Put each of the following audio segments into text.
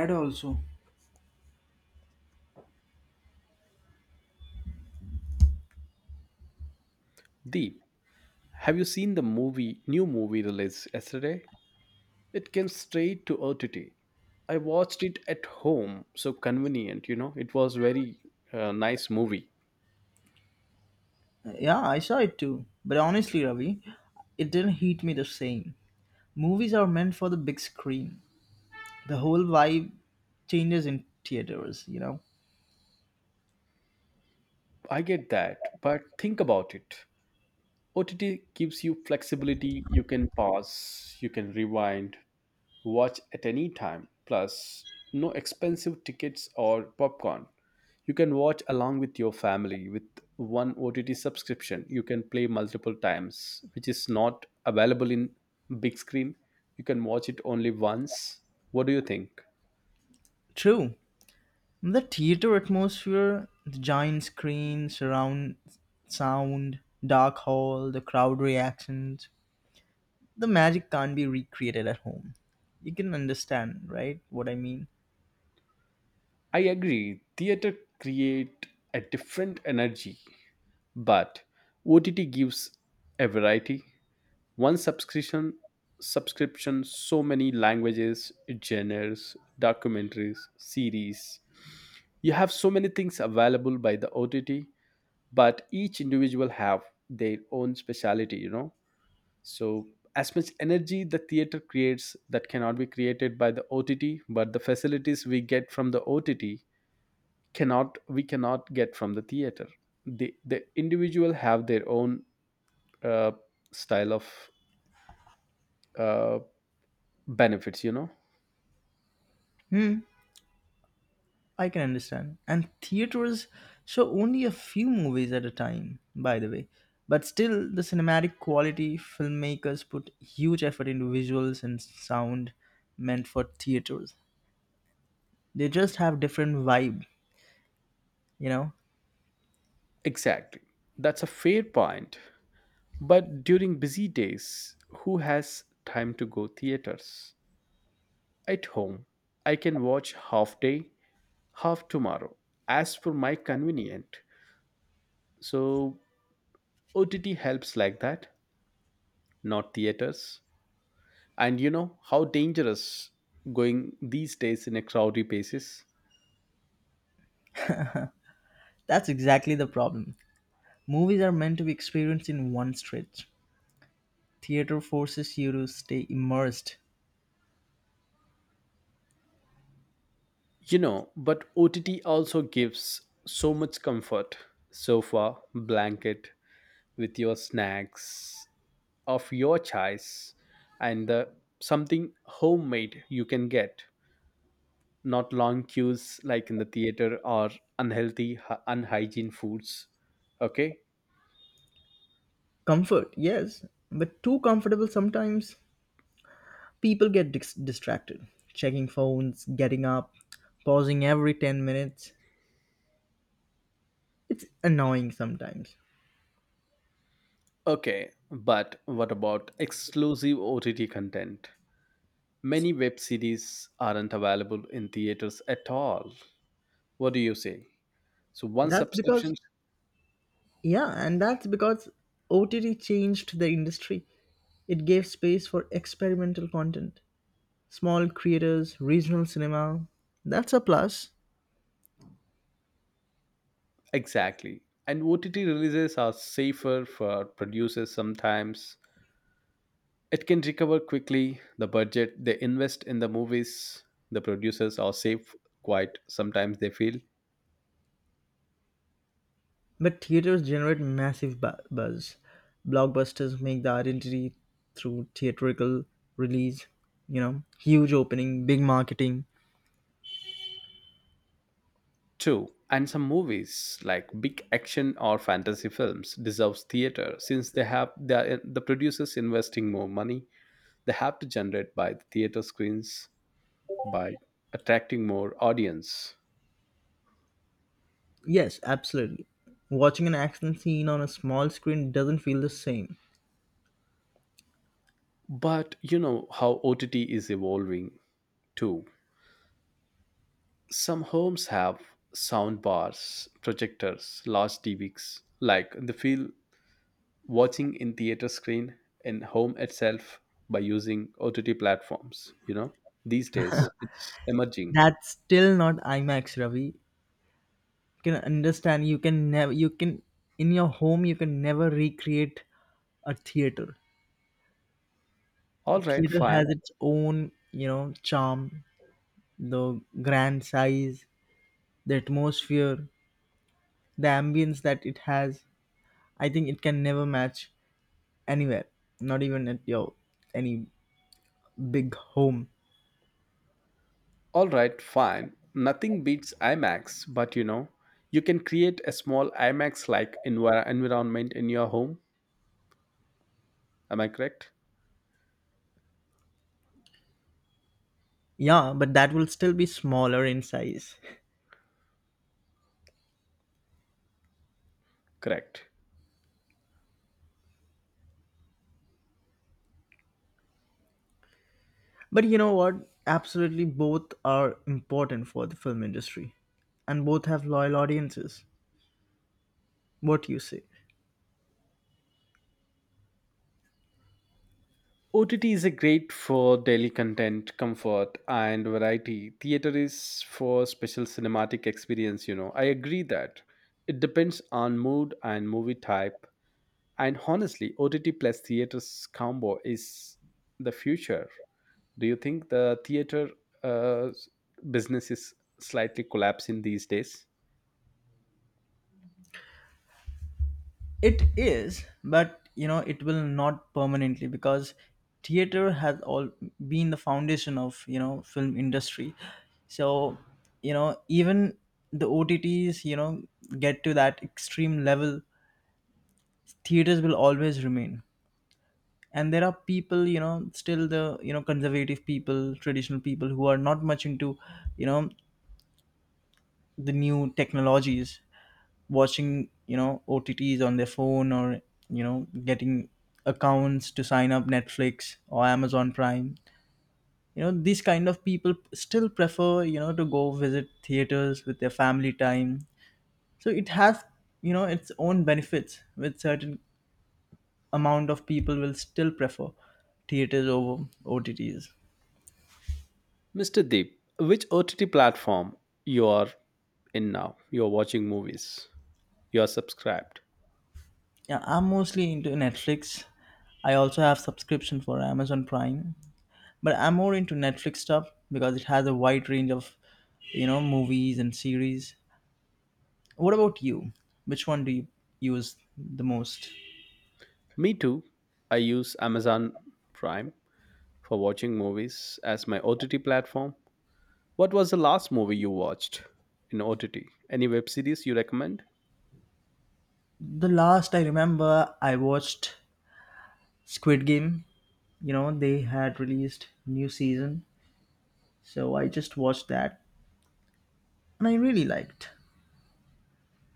Had also. Deep, have you seen the movie, new movie released yesterday? It came straight to OTT. I watched it at home, so convenient. It was very nice movie. Yeah, I saw it too. But honestly, Ravi, it didn't hit me the same. Movies are meant for the big screen. The whole vibe changes in theaters. I get that, but think about it. OTT gives you flexibility. You can pause, you can rewind, watch at any time. Plus, no expensive tickets or popcorn. You can watch along with your family with one OTT subscription. You can play multiple times, which is not available in big screen. You can watch it only once. What do you think? True. The theater atmosphere, the giant screen, surround sound, dark hall, the crowd reactions, the magic can't be recreated at home. You can understand, right? What I mean? I agree. Theater create a different energy, but OTT gives a variety. One subscription, so many languages, genres, documentaries, series. You have so many things available by the OTT, but each individual have their own speciality. So as much energy the theater creates that cannot be created by the OTT, but the facilities we get from the OTT cannot we cannot get from the theater. The individual have their own uh, style of uh, benefits. Hmm. I can understand. And theaters show only a few movies at a time, by the way. But still, the cinematic quality, filmmakers put huge effort into visuals and sound meant for theaters. They just have different vibe, you know? Exactly. That's a fair point. But during busy days, who has time to go theaters? At home, I can watch half day, half tomorrow, as per my convenient. So OTT helps like that, not theaters. And you know how dangerous going these days in a crowded basis. That's exactly the problem. Movies are meant to be experienced in one stretch. Theater forces you to stay immersed. You know, but OTT also gives so much comfort. Sofa, blanket, with your snacks of your choice, and the something homemade you can get, not long queues like in the theater or unhealthy unhygiene foods. Okay. Comfort, yes, but too comfortable sometimes. People get distracted, checking phones, getting up, pausing every 10 minutes. It's annoying sometimes. Okay, but what about exclusive OTT content? Many web series aren't available in theaters at all. What do you say? So one That's because, subscription. that's because OTT changed the industry. It gave space for experimental content, small creators, regional cinema. That's a plus. Exactly. And OTT releases are safer for producers sometimes. It can recover quickly. The budget they invest in the movies, the producers are safe, quite sometimes they feel But theaters generate massive buzz. Blockbusters make the identity through theatrical release, you know, huge opening, big marketing. too. And some movies like big action or fantasy films deserves theater since they have the producers investing more money. They have to generate by the theater screens by attracting more audience. Yes, absolutely. Watching an action scene on a small screen doesn't feel the same. But you know how OTT is evolving too. Some homes have sound bars, projectors, large TVs, like they feel watching in theater screen in home itself by using OTT platforms. These days it's emerging. That's still not IMAX, Ravi. You can understand. You can never. You can in your home. You can never recreate a theater. A All right, theater has fine. its own, you know, charm. The grand size, the atmosphere, the ambience that it has. I think it can never match anywhere. Not even at your any big home. All right, fine. Nothing beats IMAX, but you can create a small IMAX like environment in your home. Am I correct? Yeah, but that will still be smaller in size. Correct. But you know what? Absolutely, both are important for the film industry, and both have loyal audiences. What you say? OTT is a great for daily content, comfort, and variety. Theater is for special cinematic experience. I agree that it depends on mood and movie type. And honestly, OTT plus theater's combo is the future. Do you think the theater uh, business is slightly collapsing these days? It is, but you know, it will not permanently because theater has all been the foundation of, you know, film industry. So, you know, even the OTTs, you know, get to that extreme level, theaters will always remain. And there are people, you know, still the, you know, conservative people, traditional people who are not much into, you know, the new technologies, watching, you know, OTTs on their phone or, you know, getting accounts to sign up Netflix or Amazon Prime. You know, these kind of people still prefer, you know, to go visit theaters with their family time. So it has, you know, its own benefits. With certain amount of people will still prefer theaters over OTTs. Mr. Deep, which OTT platform you are in now? You're watching movies. You are subscribed. Yeah, I'm mostly into Netflix. I also have subscription for Amazon Prime, but I'm more into Netflix stuff because it has a wide range of, you know, movies and series. What about you? Which one do you use the most? Me too. I use Amazon Prime for watching movies as my OTT platform. What was the last movie you watched in OTT? Any web series you recommend? The last I remember, I watched Squid Game. You know, they had released new season, so I just watched that and I really liked.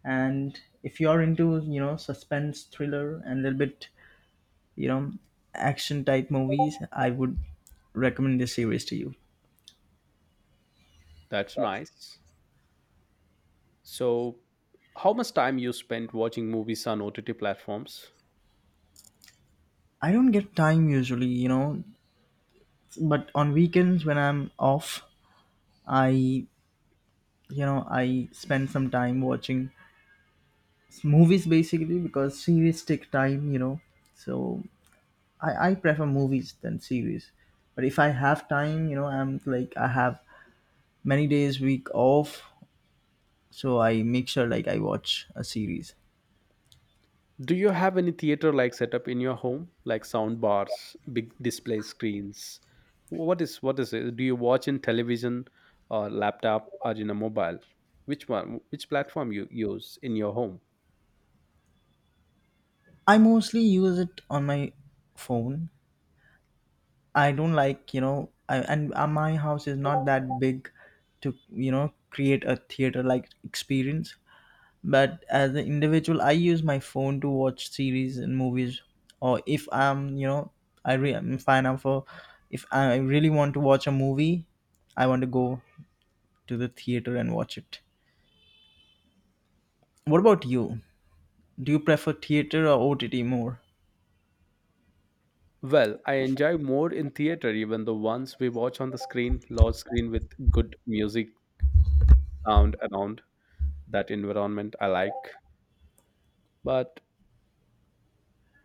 And if you're into, you know, suspense, thriller and a little bit, you know, action type movies, I would recommend this series to you. That's nice. So, how much time you spend watching movies on OTT platforms? I don't get time usually, you know, but on weekends when I'm off, I you know I spend some time watching movies basically because series take time, you know. So I prefer movies than series. But if I have time, you know, I'm like, I have many days week off, so I make sure like I watch a series. Do you have any theater like setup in your home, like sound bars, big display screens? What is it? Do you watch in television or laptop or in a mobile? Which one? Which platform you use in your home? I mostly use it on my phone. I don't like, you know, and my house is not that big to, you know, create a theater like experience. But as an individual, I use my phone to watch series and movies. Or if I'm, you know, I'm fine. I'm for, if I really want to watch a movie, I want to go to the theater and watch it. What about you? Do you prefer theater or OTT more? Well, I enjoy more in theater, even the ones we watch on the screen, large screen with good music, sound around that environment I like. But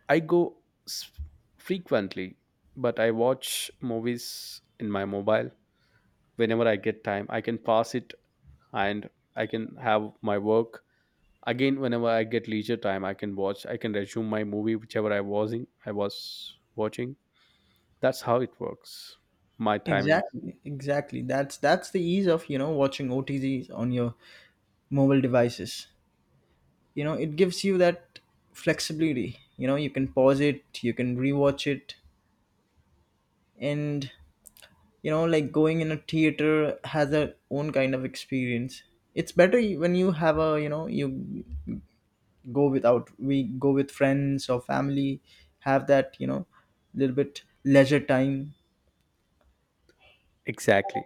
I go s- frequently, but I watch movies in my mobile whenever I get time. I can pass it and I can have my work. Again, whenever I get leisure time, I can watch, I can resume my movie, whichever I was in, I was watching. That's how it works. My timings. Exactly. That's the ease of, you know, watching OTTs on your mobile devices. You know, it gives you that flexibility. You know, you can pause it, you can rewatch it. And, you know, like going in a theater has a own kind of experience. It's better when you have a, you know, you go without we go with friends or family, have that, you know, little bit leisure time. Exactly.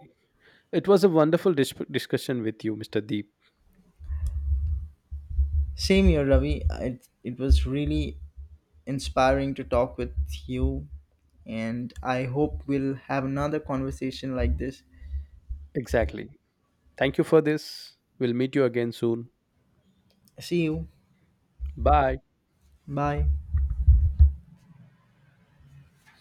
It was a wonderful discussion with you, Mr. Deep. Same here, Ravi. It was really inspiring to talk with you, and I hope we'll have another conversation like this. Exactly. Thank you for this. We'll meet you again soon. See you. Bye. Bye.